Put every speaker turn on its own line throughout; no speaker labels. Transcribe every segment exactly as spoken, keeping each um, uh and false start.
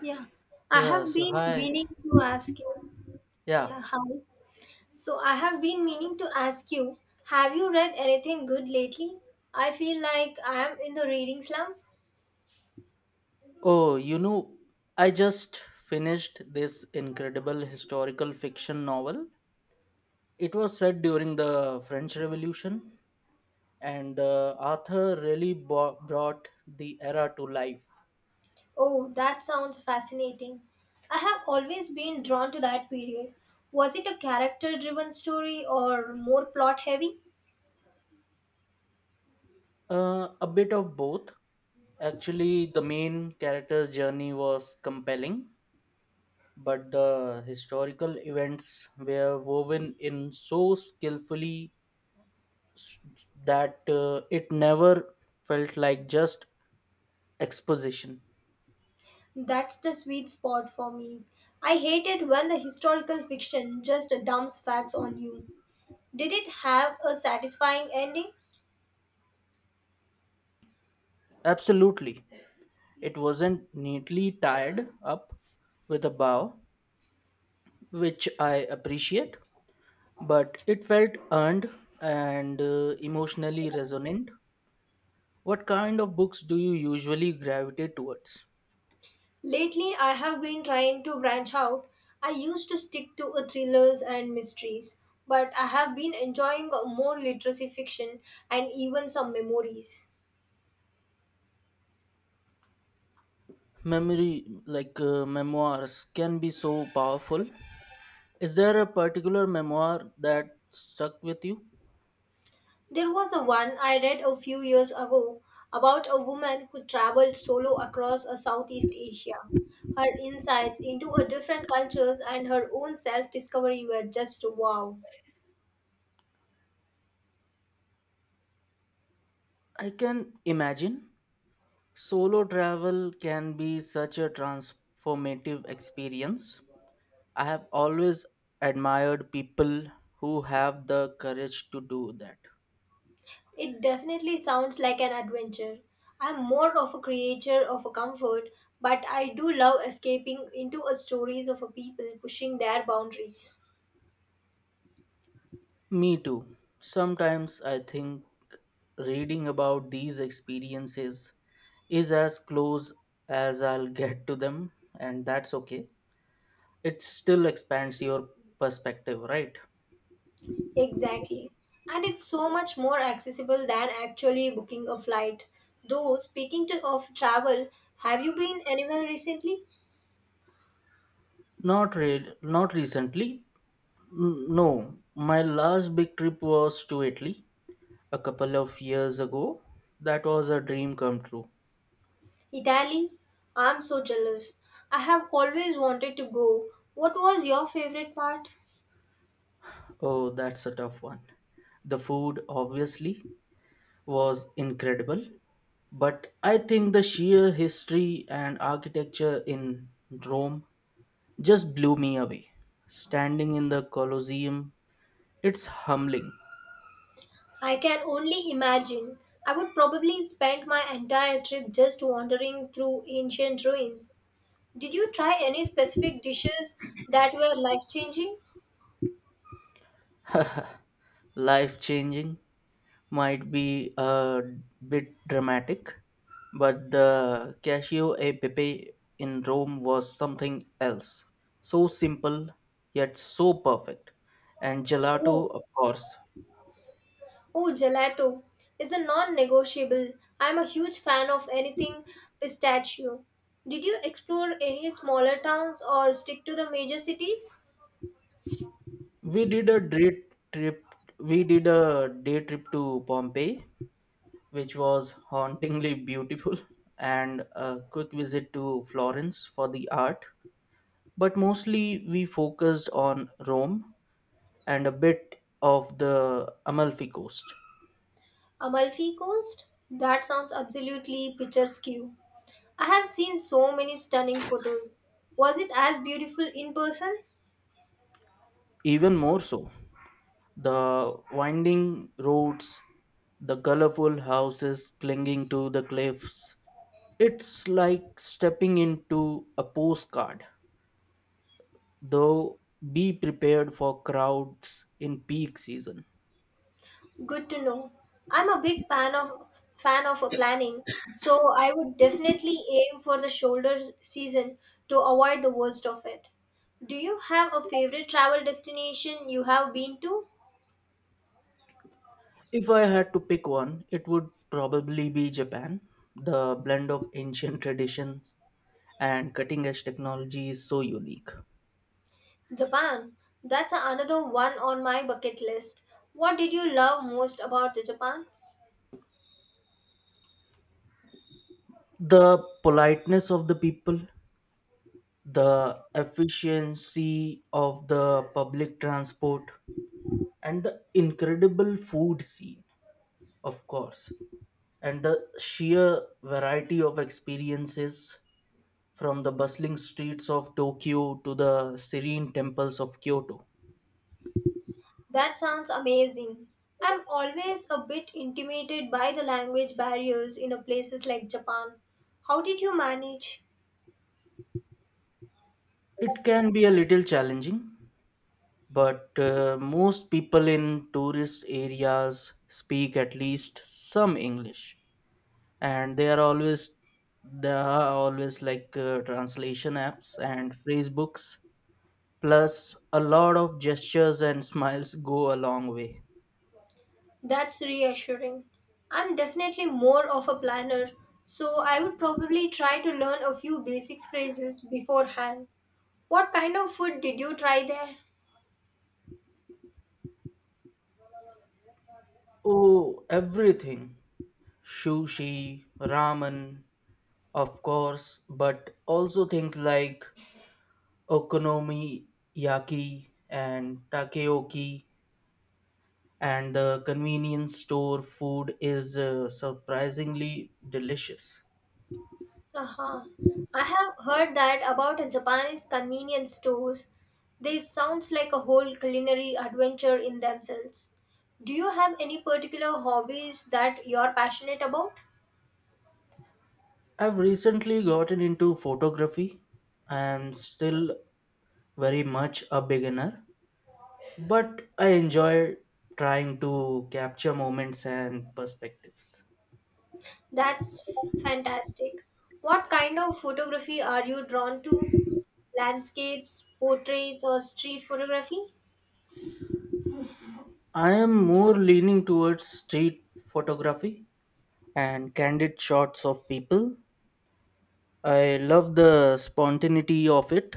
Yeah, I
Yeah,
have
so
been
hi.
meaning to ask you.
Yeah.
Yeah, hi. So I have been meaning to ask you, have you read anything good lately? I feel like I am in the reading slump.
Oh, you know, I just finished this incredible historical fiction novel. It was set during the French Revolution, and the author really bo- brought the era to life.
Oh, that sounds fascinating. I have always been drawn to that period. Was it a character driven story or more plot heavy?
Uh, a bit of both. Actually, the main character's journey was compelling, but the historical events were woven in so skillfully s- that uh, it never felt like just exposition.
That's the sweet spot for me. I hate it when the historical fiction just dumps facts on you. Did it have a satisfying ending?
Absolutely. It wasn't neatly tied up with a bow, which I appreciate, but it felt earned and uh, emotionally resonant. What kind of books do you usually gravitate towards?
Lately, I have been trying to branch out. I used to stick to uh, thrillers and mysteries, but I have been enjoying uh, more literacy fiction and even some memories.
Memory, like uh, memoirs, can be so powerful. Is there a particular memoir that stuck with you?
There was a one I read a few years ago about a woman who traveled solo across uh, Southeast Asia. Her insights into a different cultures and her own self-discovery were just wow.
I can imagine. Solo travel can be such a transformative experience. I have always admired people who have the courage to do that.
It definitely sounds like an adventure. I'm more of a creature of a comfort, but I do love escaping into a stories of a people pushing their boundaries.
Me too. Sometimes I think reading about these experiences is as close as I'll get to them, and that's okay. It still expands your perspective, right?
Exactly. And it's so much more accessible than actually booking a flight. Though speaking to, of travel, have you been anywhere recently?
Not re- not recently. N- no, my last big trip was to Italy a couple of years ago. That was a dream come true.
Italy? I'm so jealous. I have always wanted to go. What was your favorite part?
Oh, that's a tough one. The food, obviously, was incredible, but I think the sheer history and architecture in Rome just blew me away. Standing in the Colosseum, it's humbling.
I can only imagine. I would probably spend my entire trip just wandering through ancient ruins. Did you try any specific dishes that were life-changing?
Life changing might be a bit dramatic, but the Casio e Pepe in Rome was something else. So simple, yet so perfect. And
Oh,
gelato, of course.
oh, gelato is a non-negotiable. I'm a huge fan of anything pistachio. Did you explore any smaller towns or stick to the major cities?
We did a day trip. We did a day trip to Pompeii, which was hauntingly beautiful, and a quick visit to Florence for the art. But mostly, we focused on Rome and a bit of the Amalfi Coast.
Amalfi Coast? That sounds absolutely picturesque. I have seen so many stunning photos. Was it as beautiful in person?
Even more so, the winding roads, the colorful houses clinging to the cliffs. It's like stepping into a postcard, though be prepared for crowds in peak season.
Good to know. I'm a big fan of fan of a planning, so I would definitely aim for the shoulder season to avoid the worst of it. Do you have a favorite travel destination you have been to?
If I had to pick one, it would probably be Japan. The blend of ancient traditions and cutting edge technology is so unique.
Japan. That's another one on my bucket list. What did you love most about Japan?
The politeness of the people, the efficiency of the public transport, and the incredible food scene, of course, and the sheer variety of experiences, from the bustling streets of Tokyo to the serene temples of Kyoto.
That sounds amazing. I'm always a bit intimidated by the language barriers in a places like Japan. How did you manage?
It can be a little challenging, but uh, most people in tourist areas speak at least some English, and they are always there are always like uh, translation apps and phrase books. Plus a lot of gestures and smiles go a long way.
That's reassuring. I'm definitely more of a planner, so I would probably try to learn a few basic phrases beforehand. What kind of food did you try there?
Oh, everything. Sushi, ramen, of course, but also things like okonomiyaki and takoyaki. And the convenience store food is uh, surprisingly delicious.
Uh huh, I have heard that about a Japanese convenience stores. This sounds like a whole culinary adventure in themselves. Do you have any particular hobbies that you're passionate about?
I've recently gotten into photography. I'm still very much a beginner, but I enjoy trying to capture moments and perspectives.
That's fantastic. What kind of photography are you drawn to? Landscapes, portraits, or street photography?
I am more leaning towards street photography and candid shots of people. I love the spontaneity of it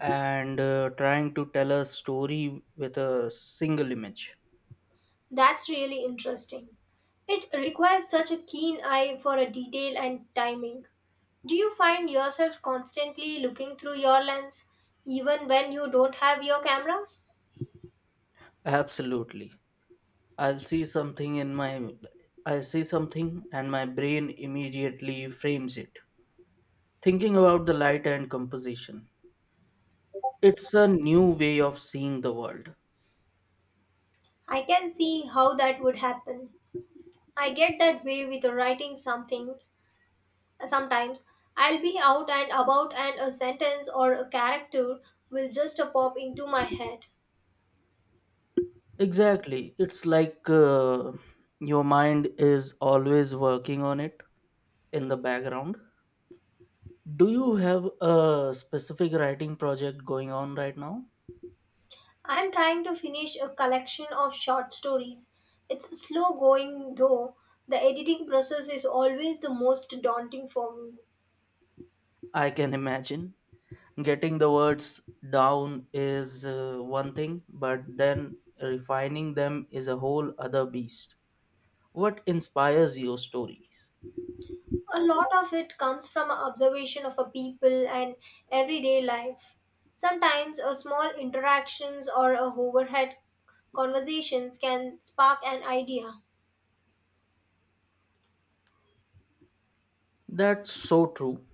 and uh, trying to tell a story with a single image.
That's really interesting. It requires such a keen eye for a detail and timing. Do you find yourself constantly looking through your lens even when you don't have your camera?
Absolutely. I'll see something in my I see something and my brain immediately frames it, thinking about the light and composition. It's a new way of seeing the world.
I can see how that would happen. I get that way with writing something sometimes. I'll be out and about and a sentence or a character will just pop into my head.
Exactly. It's like uh, your mind is always working on it in the background. Do you have a specific writing project going on right now?
I'm trying to finish a collection of short stories. It's slow going though. The editing process is always the most daunting for me.
I can imagine. Getting the words down is uh, one thing, but then refining them is a whole other beast. What inspires your stories?
A lot of it comes from observation of a people and everyday life. Sometimes a small interactions or a overhead conversations can spark an idea.
That's so true.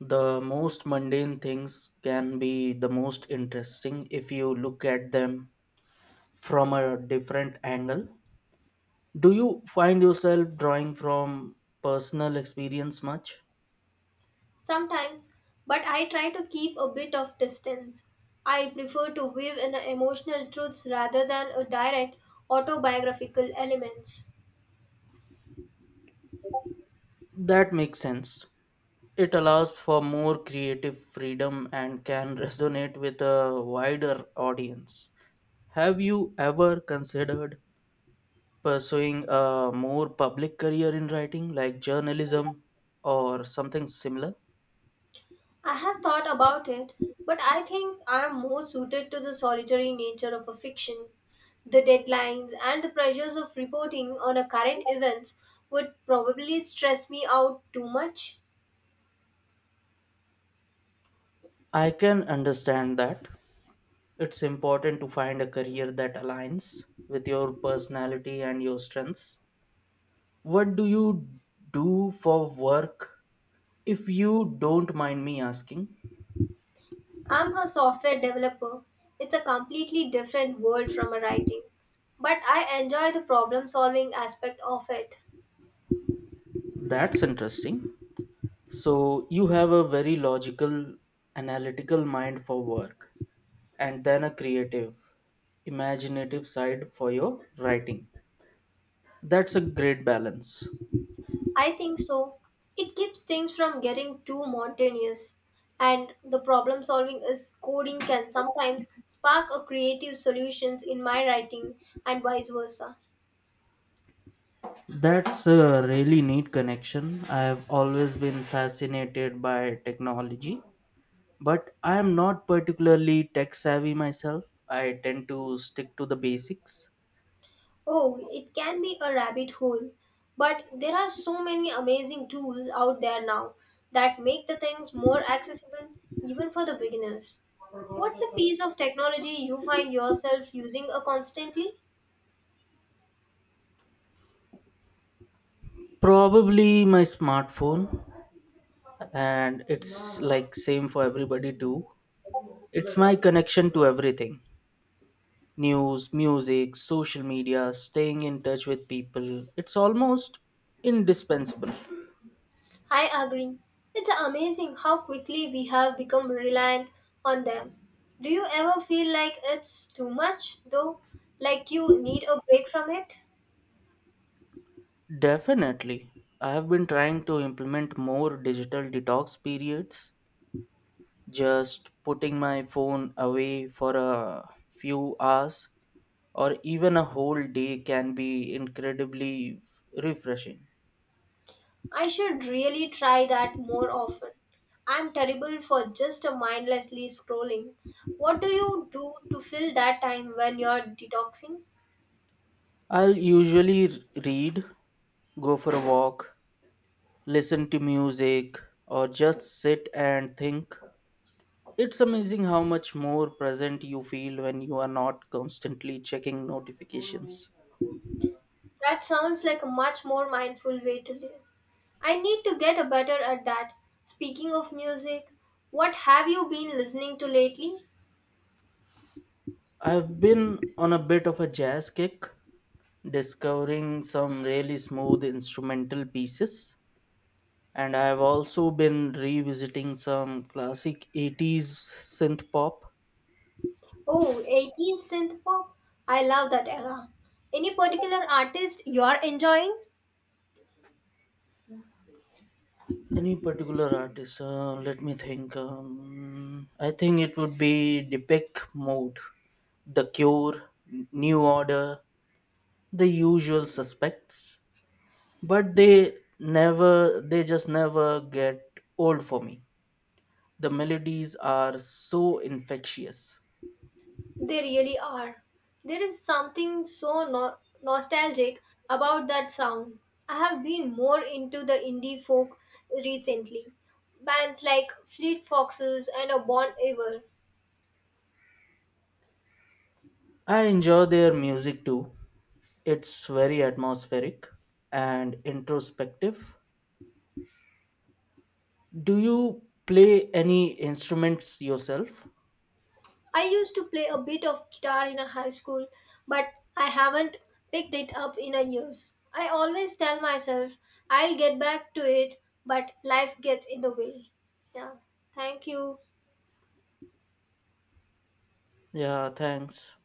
The most mundane things can be the most interesting if you look at them from a different angle. Do you find yourself drawing from personal experience much?
Sometimes, but I try to keep a bit of distance. I prefer to weave in emotional truths rather than a direct autobiographical elements.
That makes sense. It allows for more creative freedom and can resonate with a wider audience. Have you ever considered pursuing a more public career in writing, like journalism or something similar?
I have thought about it, but I think I am more suited to the solitary nature of a fiction. The deadlines and the pressures of reporting on a current events would probably stress me out too much.
I can understand that. It's important to find a career that aligns with your personality and your strengths. What do you do for work, if you don't mind me asking?
I'm a software developer. It's a completely different world from a writing. But I enjoy the problem solving aspect of it.
That's interesting. So you have a very logical, analytical mind for work, and then a creative, imaginative side for your writing. That's a great balance.
I think so. It keeps things from getting too monotonous. And the problem solving is coding can sometimes spark a creative solutions in my writing and vice versa.
That's a really neat connection. I have always been fascinated by technology, but I am not particularly tech savvy myself. I tend to stick to the basics.
Oh, it can be a rabbit hole. But there are so many amazing tools out there now that make the things more accessible even for the beginners. What's a piece of technology you find yourself using a constantly?
Probably my smartphone, and it's like same for everybody too. It's my connection to everything: news, music, social media, staying in touch with people. It's almost indispensable.
I agree. It's amazing how quickly we have become reliant on them. Do you ever feel like it's too much, though? Like you need a break from it?
Definitely. I have been trying to implement more digital detox periods. Just putting my phone away for a few hours or even a whole day can be incredibly refreshing.
I should really try that more often. I'm terrible for just a mindlessly scrolling. What do you do to fill that time when you're detoxing?
I'll usually r- read, go for a walk, listen to music, or just sit and think. It's amazing how much more present you feel when you are not constantly checking notifications.
That sounds like a much more mindful way to live. I need to get a better at that. Speaking of music, what have you been listening to lately?
I've been on a bit of a jazz kick, discovering some really smooth instrumental pieces, and I've also been revisiting some classic eighties synth pop.
Oh, eighties synth pop. I love that era. Any particular artist you're enjoying?
Any particular artist? Uh, let me think. Um, I think it would be Deepak Mode, The Cure, New Order, the usual suspects. But they never, they just never get old for me. The melodies are so infectious.
They really are. There is something so no- nostalgic about that sound. I have been more into the indie folk recently. Bands like Fleet Foxes and a Bon Iver
I enjoy their music too. It's very atmospheric and introspective. Do you play any instruments yourself?
I used to play a bit of guitar in a high school, but I haven't picked it up in a years. I always tell myself I'll get back to it, but life gets in the way. Yeah. Thank you.
Yeah, thanks.